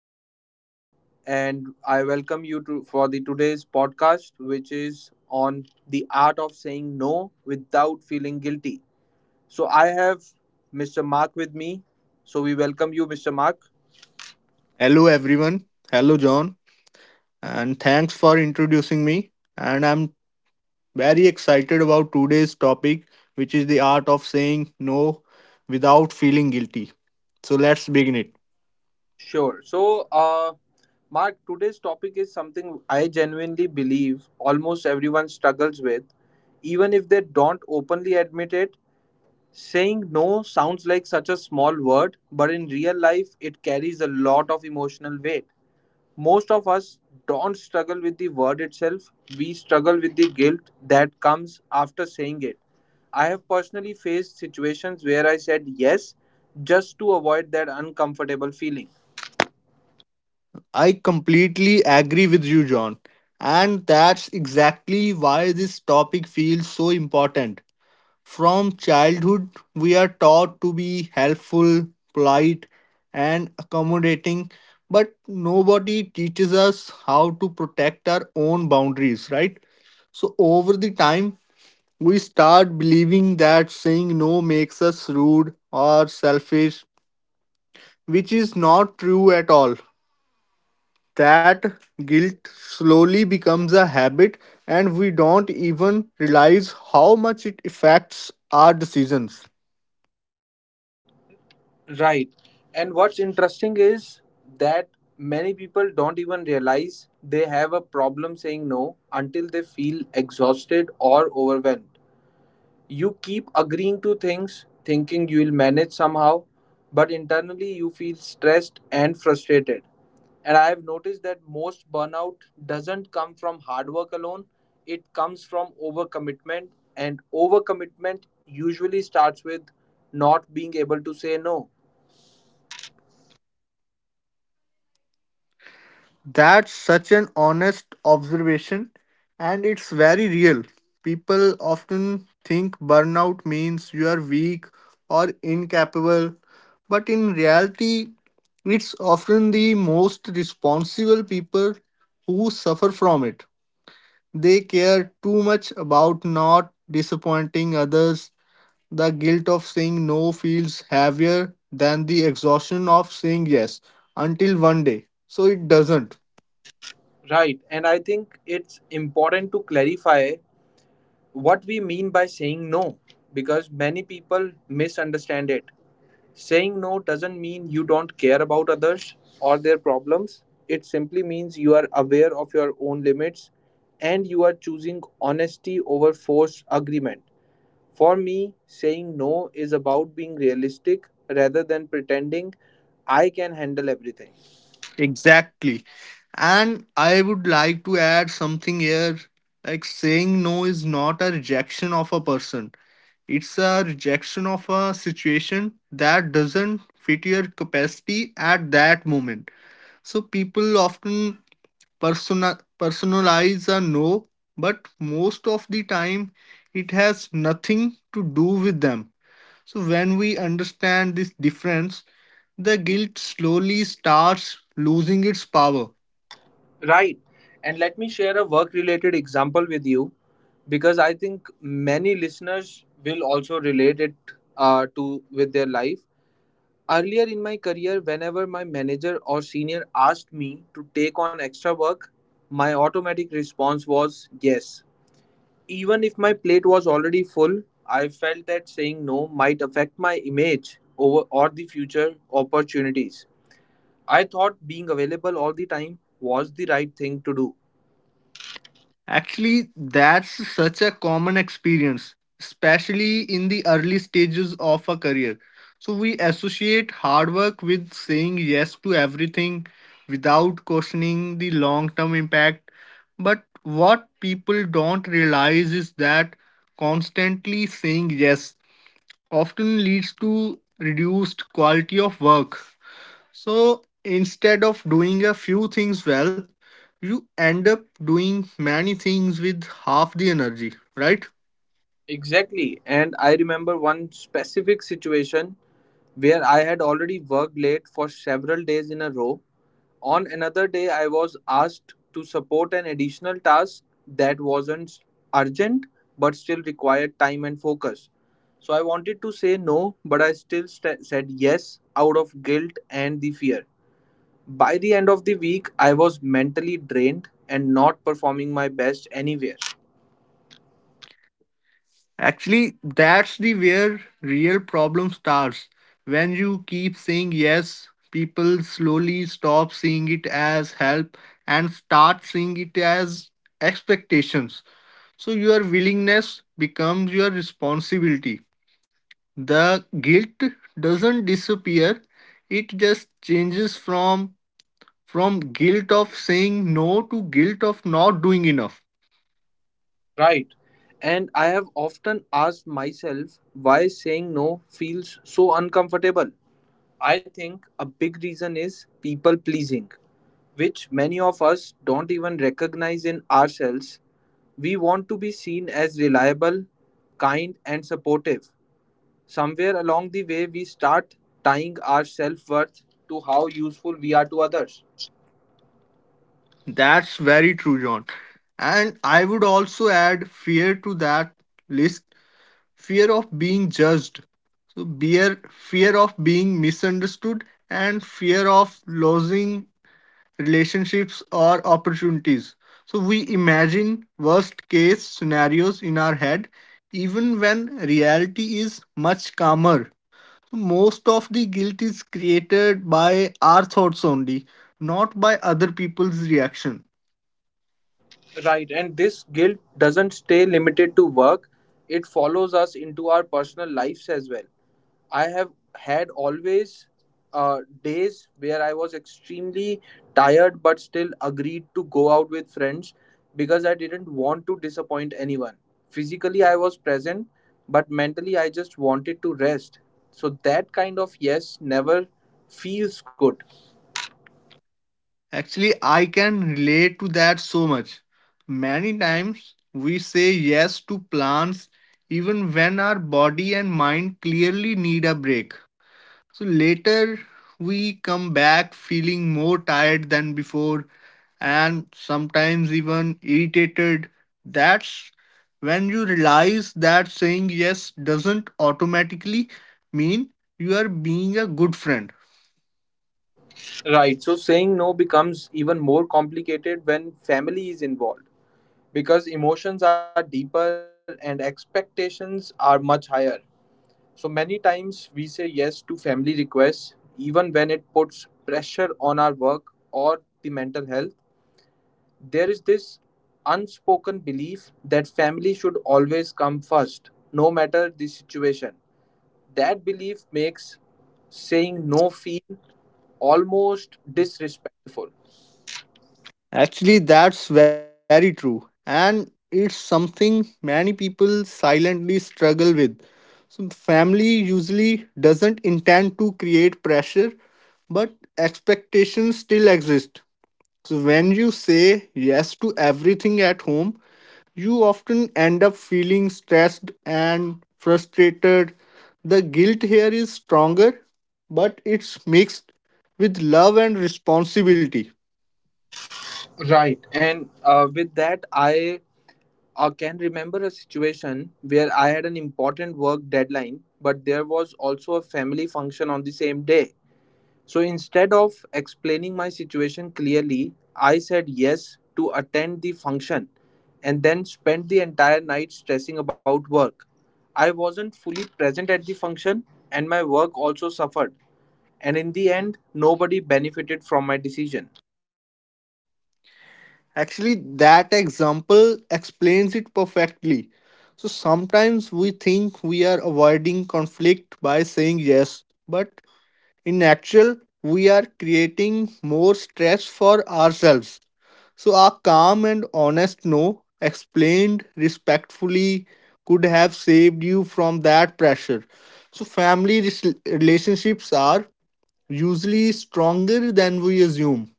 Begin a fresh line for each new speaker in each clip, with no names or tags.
John and I welcome you to for the today's podcast which is on the art of saying no without feeling guilty. So I have Mr. Mark with me. So we welcome you Mr. Mark.
Hello, everyone. Hello, John. And thanks for introducing me. And I'm Very excited about today's topic, which is the art of saying no without feeling guilty. So let's begin it.
Sure. So Mark, today's topic is something I genuinely believe almost everyone struggles with even if they don't openly admit it. Saying no sounds like such a small word, but in real life, it carries a lot of emotional weight. Most of us don't struggle with the word itself, we struggle with the guilt that comes after saying it. I have personally faced situations where I said yes just to avoid that uncomfortable feeling.
I completely agree with you, John. And that's exactly why this topic feels so important. From childhood, we are taught to be helpful, polite, and accommodating, but nobody teaches us how to protect our own boundaries, right? So, over the time, we start believing that saying no makes us rude or selfish, which is not true at all. That guilt slowly becomes a habit, and we don't even realize how much it affects our decisions.
Right. And what's interesting is that many people don't even realize they have a problem saying no until they feel exhausted or overwhelmed. You keep agreeing to things, thinking you'll manage somehow, but internally you feel stressed and frustrated. And I have noticed that most burnout doesn't come from hard work alone, it comes from overcommitment. And overcommitment usually starts with not being able to say no.
That's such an honest observation, and it's very real. People often think burnout means you are weak or incapable, but in reality, it's often the most responsible people who suffer from it. They care too much about not disappointing others. The guilt of saying no feels heavier than the exhaustion of saying yes until one day. So it doesn't.
Right. And I think it's important to clarify what we mean by saying no because many people misunderstand it. Saying no doesn't mean you don't care about others or their problems. It simply means you are aware of your own limits and you are choosing honesty over forced agreement. For me, saying no is about being realistic rather than pretending I can handle everything.
Exactly. And I would like to add something here, like saying no is not a rejection of a person, it's a rejection of a situation that doesn't fit your capacity at that moment. So people often personalize a no, but most of the time it has nothing to do with them. So when we understand this difference, the guilt slowly starts losing its power.
Right. And let me share a work related example with you because I think many listeners will also relate it to with their life. Earlier in my career, whenever my manager or senior asked me to take on extra work, my automatic response was yes. Even if my plate was already full, I felt that saying no might affect my image over or the future opportunities. I thought being available all the time was the right thing to do.
Actually, that's such a common experience, especially in the early stages of a career. So, we associate hard work with saying yes to everything without questioning the long term impact. But what people don't realize is that constantly saying yes often leads to reduced quality of work. So instead of doing a few things well, you end up doing many things with half the energy, right?
Exactly, and I remember one specific situation where I had already worked late for several days in a row. On another day, I was asked to support an additional task that wasn't urgent but still required time and focus. So I wanted to say no, but I still said yes out of guilt and the fear. By the end of the week, I was mentally drained and not performing my best anywhere.
That's the where real problem starts. When you keep saying yes, people slowly stop seeing it as help and start seeing it as expectations. So your willingness becomes your responsibility. The guilt doesn't disappear, it just changes from guilt of saying no to guilt of not doing enough.
Right. And I have often asked myself why saying no feels so uncomfortable. I think a big reason is people pleasing, which many of us don't even recognize in ourselves. We want to be seen as reliable, kind, and supportive. Somewhere along the way, we start tying our self worth to how useful we are to others.
That's very true, John. And I would also add fear to that list, fear of being judged. So, fear of being misunderstood and fear of losing relationships or opportunities. So, we imagine worst case scenarios in our head, even when reality is much calmer. Most of the guilt is created by our thoughts only, not by other people's reaction.
Right, and this guilt doesn't stay limited to work, it follows us into our personal lives as well. I have had always days where I was extremely tired but still agreed to go out with friends because I didn't want to disappoint anyone. Physically, I was present, but mentally, I just wanted to rest. So, that kind of yes never feels good.
Actually, I can relate to that so much. Many times we say yes to plans even when our body and mind clearly need a break. So later we come back feeling more tired than before and sometimes even irritated. That's when you realize that saying yes doesn't automatically mean you are being a good friend.
Right. So, saying no becomes even more complicated when family is involved because emotions are deeper and expectations are much higher. So many times we say yes to family requests, even when it puts pressure on our work or the mental health. There is this unspoken belief that family should always come first, no matter the situation. That belief makes saying no feel almost disrespectful.
Actually, that's very true, and it's something many people silently struggle with. So, family usually doesn't intend to create pressure, but expectations still exist. So, when you say yes to everything at home, you often end up feeling stressed and frustrated. The guilt here is stronger, but it's mixed with love and responsibility.
Right. And with that, I can remember a situation where I had an important work deadline, but there was also a family function on the same day. So instead of explaining my situation clearly, I said yes to attend the function and then spent the entire night stressing about work. I wasn't fully present at the function, and my work also suffered. And in the end, nobody benefited from my decision.
Actually, that example explains it perfectly. So sometimes we think we are avoiding conflict by saying yes, but in actual we are creating more stress for ourselves. So a calm and honest no, explained respectfully, could have saved you from that pressure. So family relationships are usually stronger than we assume.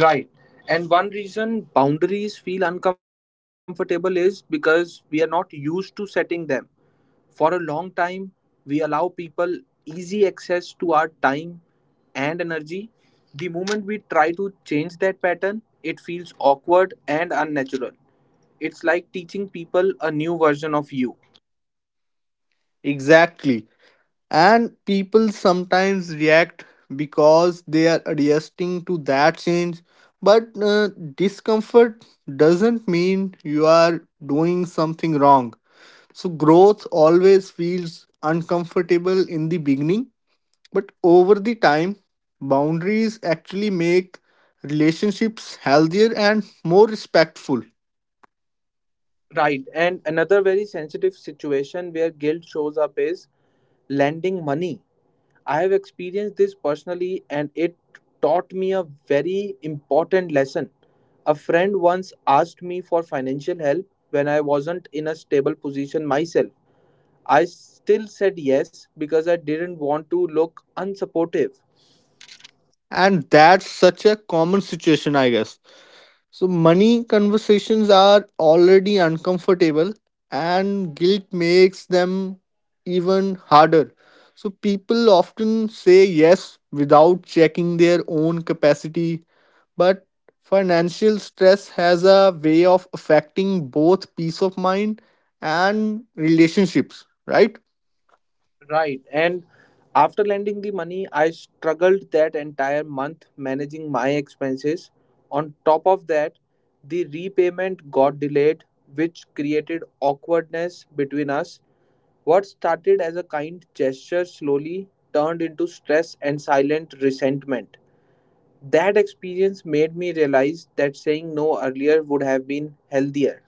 Right. And one reason boundaries feel uncomfortable is because we are not used to setting them. For a long time, we allow people easy access to our time and energy. The moment we try to change that pattern, it feels awkward and unnatural. It's like teaching people a new version of you.
Exactly. And people sometimes react because they are adjusting to that change, but discomfort doesn't mean you are doing something wrong. So growth always feels uncomfortable in the beginning, but over the time boundaries actually make relationships healthier and more respectful.
Right. And another very sensitive situation where guilt shows up is lending money. I have experienced this personally and it taught me a very important lesson. A friend once asked me for financial help when I wasn't in a stable position myself. I still said yes because I didn't want to look unsupportive.
And that's such a common situation, I guess. So, money conversations are already uncomfortable, and guilt makes them even harder. So, people often say yes without checking their own capacity, but financial stress has a way of affecting both peace of mind and relationships, right?
Right. And after lending the money, I struggled that entire month managing my expenses. On top of that, the repayment got delayed, which created awkwardness between us. What started as a kind gesture slowly turned into stress and silent resentment. That experience made me realize that saying no earlier would have been healthier.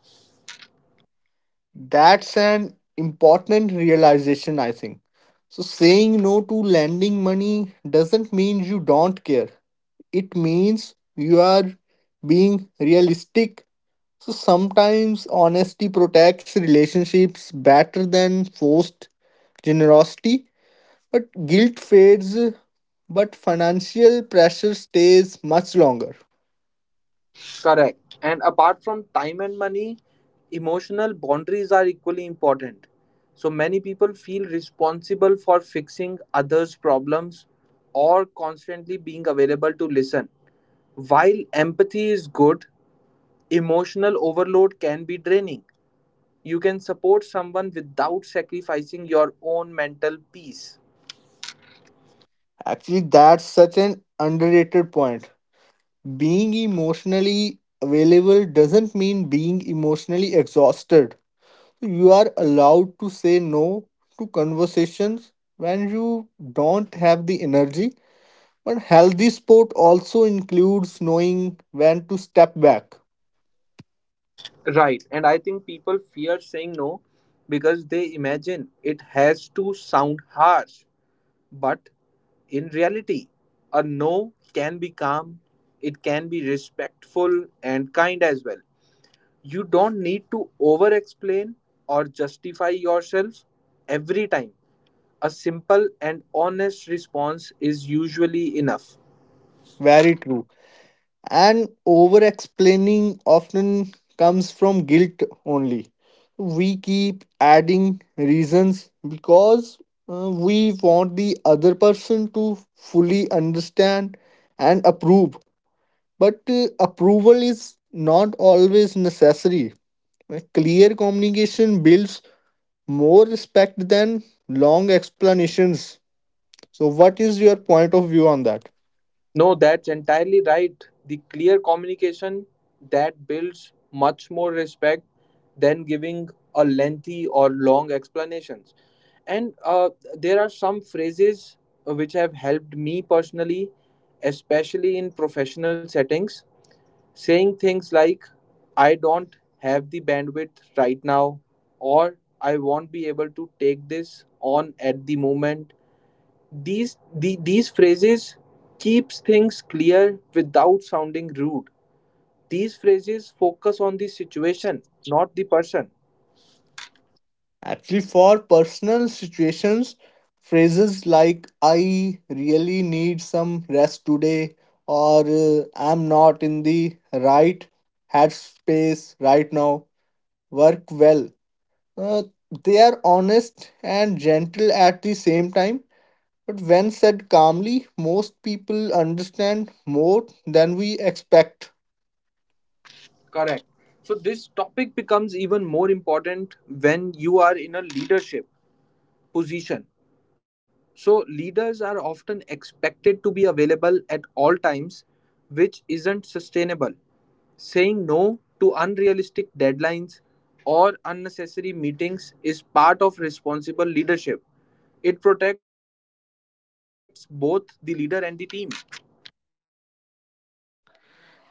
That's an important realization, I think. So, saying no to lending money doesn't mean you don't care, it means you are being realistic. So, sometimes honesty protects relationships better than forced generosity. But guilt fades, but financial pressure stays much longer.
Correct. And apart from time and money, emotional boundaries are equally important. So many people feel responsible for fixing others' problems or constantly being available to listen. While empathy is good, emotional overload can be draining. You can support someone without sacrificing your own mental peace.
Actually, that's such an underrated point. Being emotionally available doesn't mean being emotionally exhausted. You are allowed to say no to conversations when you don't have the energy. But healthy sport also includes knowing when to step back.
Right. And I think people fear saying no because they imagine it has to sound harsh. But in reality, a no can be calm, it can be respectful and kind as well. You don't need to over explain or justify yourself every time. A simple and honest response is usually enough.
Very true. And over explaining often comes from guilt only. We keep adding reasons because we want the other person to fully understand and approve, but approval is not always necessary. A clear communication builds more respect than long explanations. So what is your point of view on that?
No, that's entirely right. The clear communication that builds much more respect than giving a lengthy or long explanations. And there are some phrases which have helped me personally, especially in professional settings. Saying things like, I don't have the bandwidth right now, or I won't be able to take this on at the moment, these phrases keeps things clear without sounding rude. These phrases focus on the situation, not the person.
Actually, for personal situations, phrases like "I really need some rest today" or "I'm not in the right headspace right now" work well. Uh, they are honest and gentle at the same time, but when said calmly, most people understand more than we expect.
Correct. So this topic becomes even more important when you are in a leadership position. So, leaders are often expected to be available at all times, which isn't sustainable. Saying no to unrealistic deadlines or unnecessary meetings is part of responsible leadership. It protects both the leader and the team.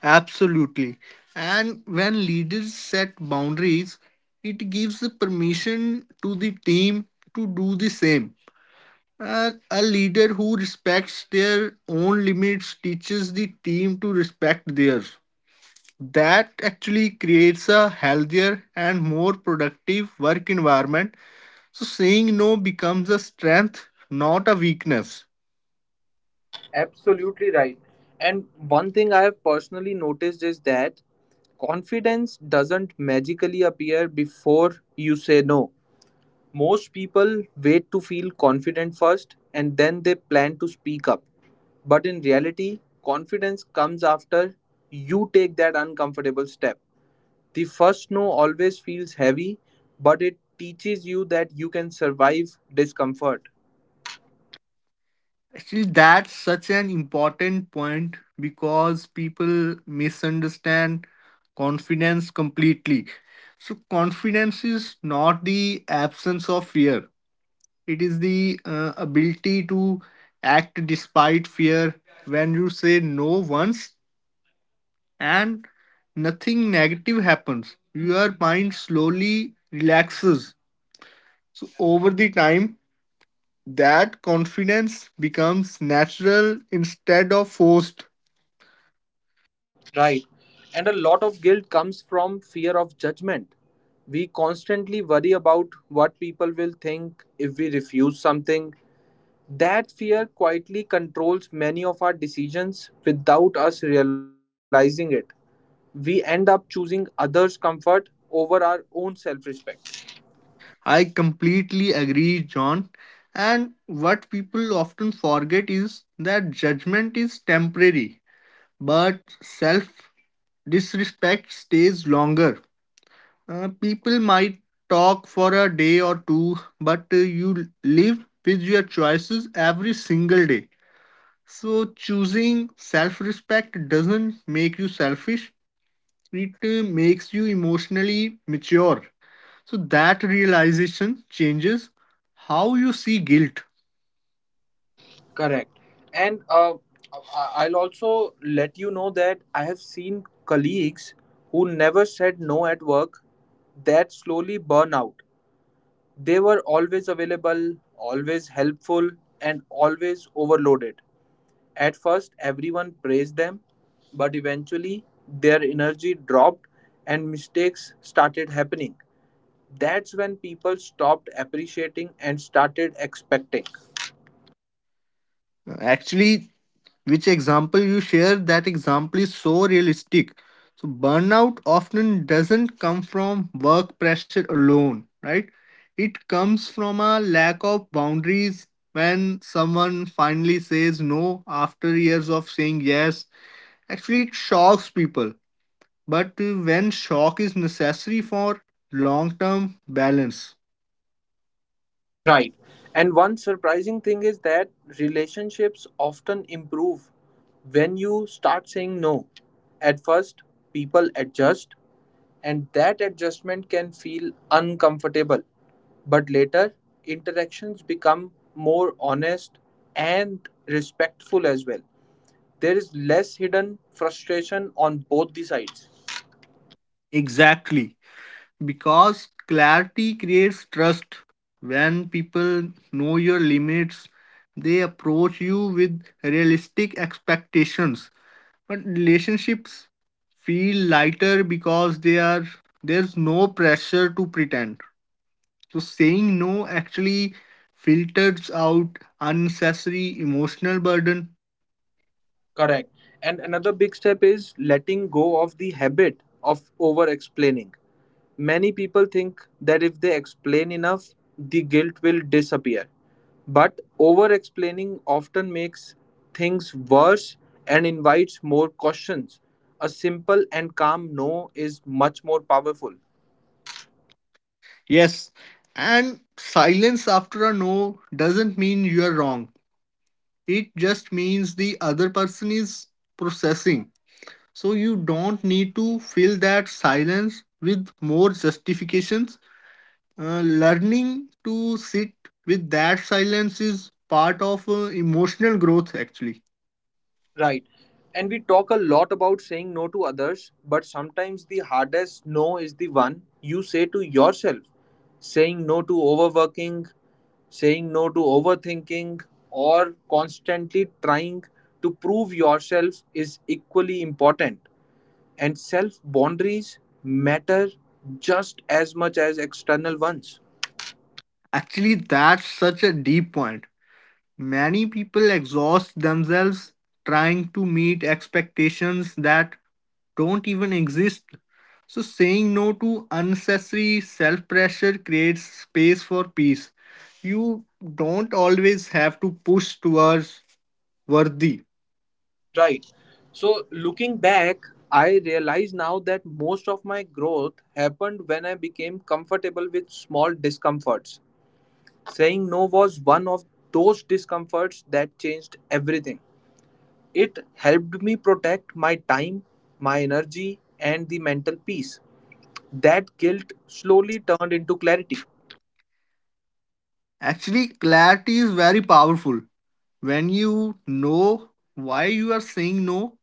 Absolutely. And when leaders set boundaries, it gives the permission to the team to do the same. And a leader who respects their own limits teaches the team to respect theirs. That actually creates a healthier and more productive work environment. So saying no becomes a strength, not a weakness.
Absolutely right. And one thing I have personally noticed is that confidence doesn't magically appear before you say no. Most people wait to feel confident first and then they plan to speak up. But in reality, confidence comes after you take that uncomfortable step. The first no always feels heavy, but it teaches you that you can survive discomfort.
Actually, that's such an important point because people misunderstand confidence completely. So, confidence is not the absence of fear, it is the ability to act despite fear. When you say no once and nothing negative happens, your mind slowly relaxes. So, over the time, that confidence becomes natural instead of forced.
Right. And a lot of guilt comes from fear of judgment. We constantly worry about what people will think if we refuse something. That fear quietly controls many of our decisions without us realizing it. We end up choosing others' comfort over our own self respect.
I completely agree, John. And what people often forget is that judgment is temporary, but self disrespect stays longer. People might talk for a day or two, but you live with your choices every single day. So, choosing self respect doesn't make you selfish, it makes you emotionally mature. So that realization changes how you see guilt.
Correct. And I'll also let you know that I have seen colleagues who never said no at work that slowly burn out. They were always available, always helpful, and always overloaded. At first everyone praised them, but eventually their energy dropped and mistakes started happening. That's when people stopped appreciating and started expecting.
Actually, which example you share, that example is so realistic. So burnout often doesn't come from work pressure alone, right? It comes from a lack of boundaries when someone finally says no after years of saying yes. Actually, it shocks people. But when shock is necessary for long term balance.
Right. And one surprising thing is that relationships often improve when you start saying no. At first, people adjust, and that adjustment can feel uncomfortable, but later interactions become more honest and respectful as well. There is less hidden frustration on both the sides.
Exactly, because clarity creates trust. When people know your limits, they approach you with realistic expectations, but relationships feel lighter because they are there's no pressure to pretend. So saying no actually filters out unnecessary emotional burden.
Correct. And another big step is letting go of the habit of over explaining. Many people think that if they explain enough, the guilt will disappear. But over explaining often makes things worse and invites more questions. A simple and calm no is much more powerful.
Yes. And silence after a no doesn't mean you're wrong, it just means the other person is processing. So you don't need to fill that silence with more justifications. Learning to sit with that silence is part of emotional growth, actually.
Right. And we talk a lot about saying no to others, but sometimes the hardest no is the one you say to yourself. Saying no to overworking, saying no to overthinking, or constantly trying to prove yourself is equally important. And self boundaries matter just as much as external ones.
Actually, that's such a deep point. Many people exhaust themselves trying to meet expectations that don't even exist. So, saying no to unnecessary self pressure creates space for peace. You don't always have to push towards worthy.
Right. So looking back, I realize now that most of my growth happened when I became comfortable with small discomforts. Saying no was one of those discomforts that changed everything. It helped me protect my time, my energy, and the mental peace. That guilt slowly turned into clarity.
Actually, clarity is very powerful. When you know why you are saying no,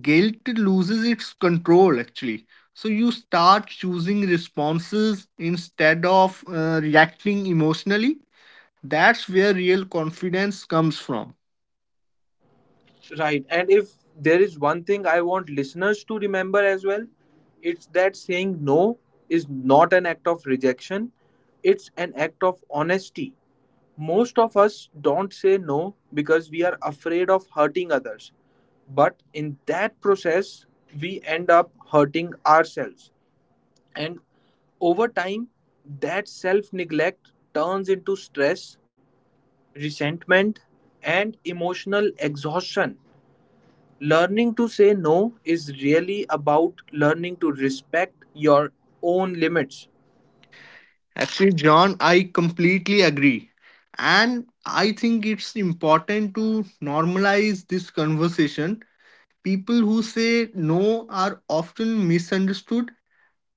guilt loses its control actually. So, you start choosing responses instead of reacting emotionally. That's where real confidence comes from.
Right. And if there is one thing I want listeners to remember as well, it's that saying no is not an act of rejection, it's an act of honesty. Most of us don't say no because we are afraid of hurting others. But in that process, we end up hurting ourselves. And over time, that self neglect turns into stress, resentment, and emotional exhaustion. Learning to say no is really about learning to respect your own limits.
Actually, John, I completely agree. And I think it's important to normalize this conversation. People who say no are often misunderstood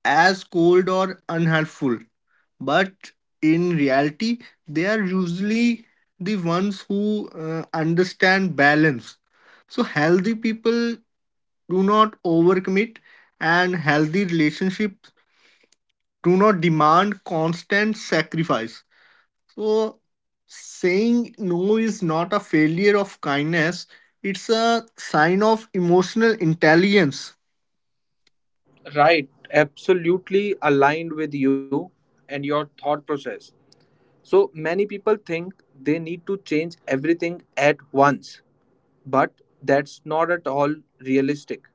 as cold or unhelpful. But in reality, they are usually the ones who understand balance. So, healthy people do not overcommit, and healthy relationships do not demand constant sacrifice. So saying no is not a failure of kindness, it's a sign of emotional intelligence.
Right, absolutely aligned with you and your thought process. So many people think they need to change everything at once. But that's not at all realistic.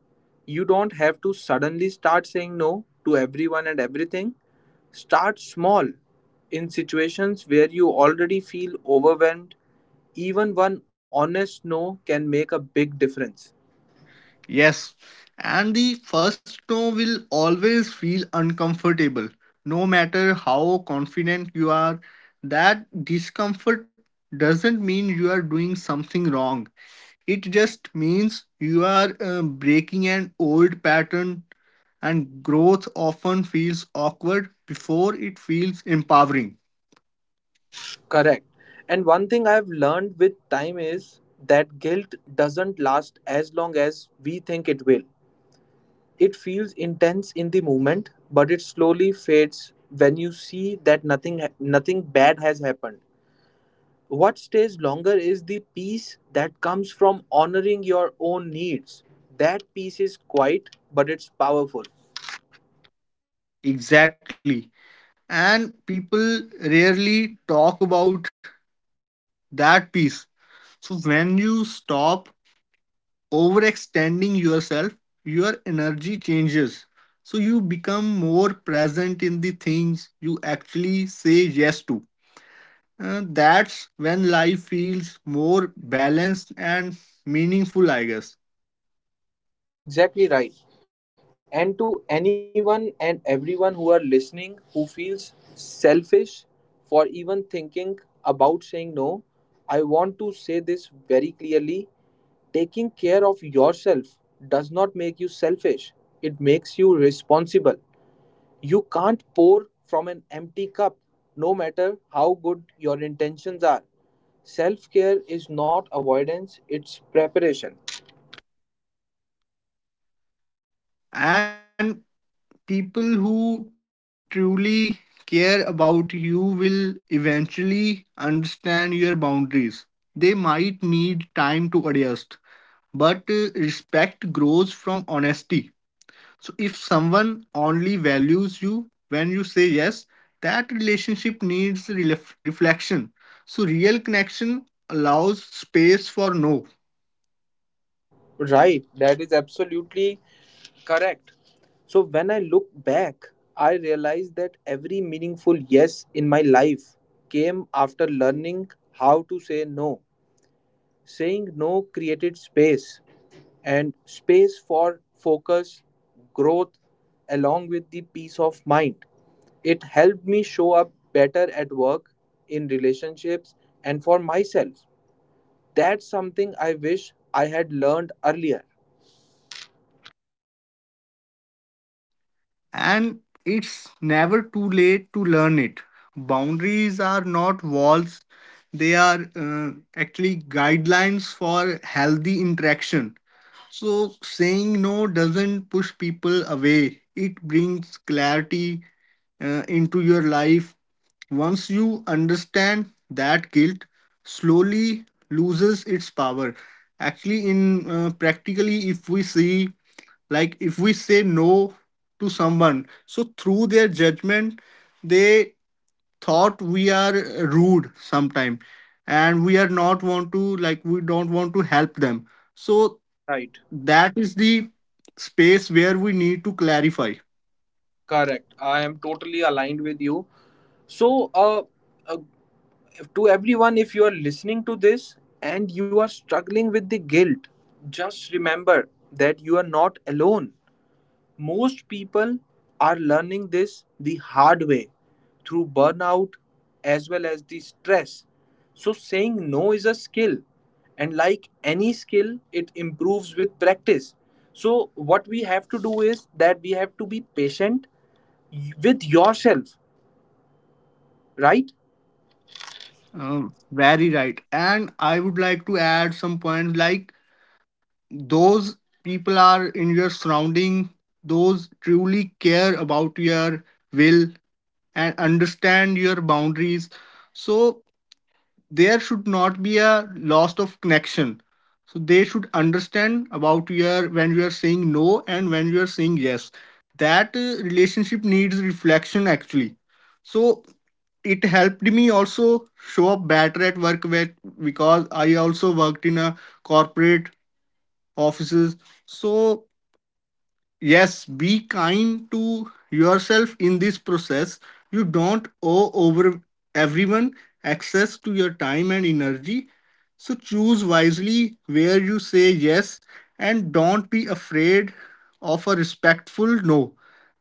You don't have to suddenly start saying no to everyone and everything. Start small. In situations where you already feel overwhelmed, even one honest no can make a big difference.
Yes. And the first no will always feel uncomfortable, no matter how confident you are. That discomfort doesn't mean you are doing something wrong, it just means you are breaking an old pattern, and growth often feels awkward before it feels empowering.
Correct. And one thing I've learned with time is that guilt doesn't last as long as we think it will. It feels intense in the moment, but it slowly fades when you see that nothing bad has happened. What stays longer is the peace that comes from honoring your own needs. That peace is quiet, but it's powerful.
Exactly. And people rarely talk about that piece. So when you stop overextending yourself, your energy changes. So you become more present in the things you actually say yes to. That's when life feels more balanced and meaningful, I guess.
Exactly right. And to anyone and everyone who are listening who feels selfish for even thinking about saying no, I want to say this very clearly. Taking care of yourself does not make you selfish, it makes you responsible. You can't pour from an empty cup, no matter how good your intentions are. Self care is not avoidance, it's preparation.
And people who truly care about you will eventually understand your boundaries. They might need time to adjust, but respect grows from honesty. So, if someone only values you when you say yes, that relationship needs reflection. So, real connection allows space for no.
Right, that is absolutely correct. So when I look back, I realize that every meaningful yes in my life came after learning how to say no. Saying no created space and space for focus, growth, along with the peace of mind. It helped me show up better at work, in relationships, and for myself. That's something I wish I had learned earlier.
And it's never too late to learn it. Boundaries are not walls, they are actually guidelines for healthy interaction. So, saying no doesn't push people away, it brings clarity into your life. Once you understand that, guilt slowly loses its power. Actually, in practically, if we see, like if we say no to someone, so through their judgment they thought we are rude sometime, and we are not want to, like we don't want to help them, so
Right.
that is the space where we need to clarify.
Correct. I am totally aligned with you. So, uh, to everyone, if you are listening to this and you are struggling with the guilt, just remember that you are not alone. Most people are learning this the hard way through burnout as well as the stress. So, saying no is a skill, and like any skill, it improves with practice. So, what we have to do is that we have to be patient with yourself, right?
Very right. And I would like to add some points, like those people are in your surrounding, those truly care about your will and understand your boundaries, so there should not be a loss of connection. So they should understand about your when you are saying no and when you are saying yes, that relationship needs reflection actually. So it helped me also show up better at work with, because I also worked in a corporate offices. So, yes, be kind to yourself in this process. You don't owe over everyone access to your time and energy. So, choose wisely where you say yes and don't be afraid of a respectful no.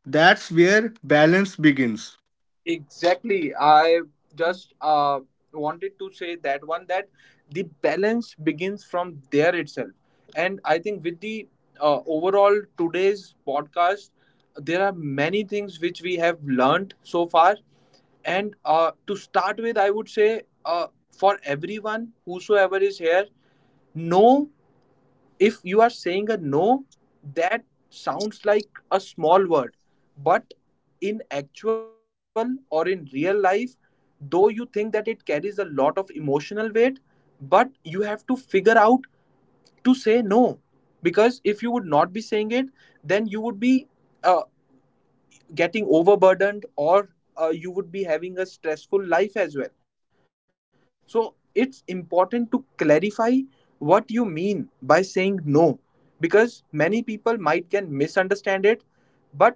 That's where balance begins.
Exactly. I just wanted to say that one that the balance begins from there itself. And I think with the overall today's podcast, there are many things which we have learned so far. And to start with, I would say for everyone, whosoever is here, know if you are saying a no that sounds like a small word but in actual or in real life though you think that it carries a lot of emotional weight but you have to figure out to say no because if you would not be saying it then you would be uh, getting overburdened or you would be having a stressful life as well so it's important to clarify what you mean by saying no because many people might can misunderstand it but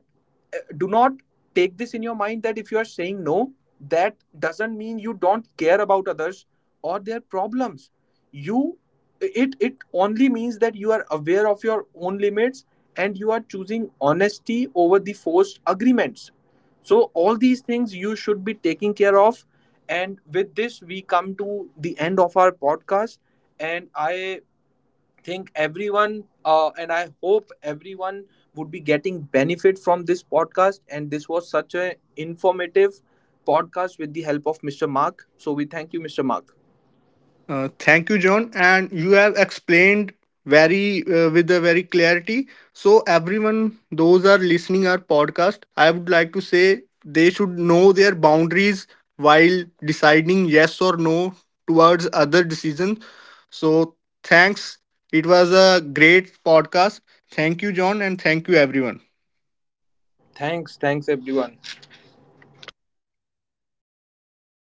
do not take this in your mind that if you are saying no, that doesn't mean you don't care about others or their problems. You it only means that you are aware of your own limits and you are choosing honesty over the forced agreements. So all these things you should be taking care of, and with this we come to the end of our podcast. And I think everyone, and I hope everyone would be getting benefit from this podcast, and this was such a informative podcast with the help of Mr. Mark. So we thank you, Mr. Mark.
Thank you, John. And you have explained very with a very clarity. So everyone, those are listening our podcast, I would like to say they should know their boundaries while deciding yes or no towards other decisions. So thanks. It was a great podcast. Thank you, John, and thank you, everyone.
Thanks, thanks everyone.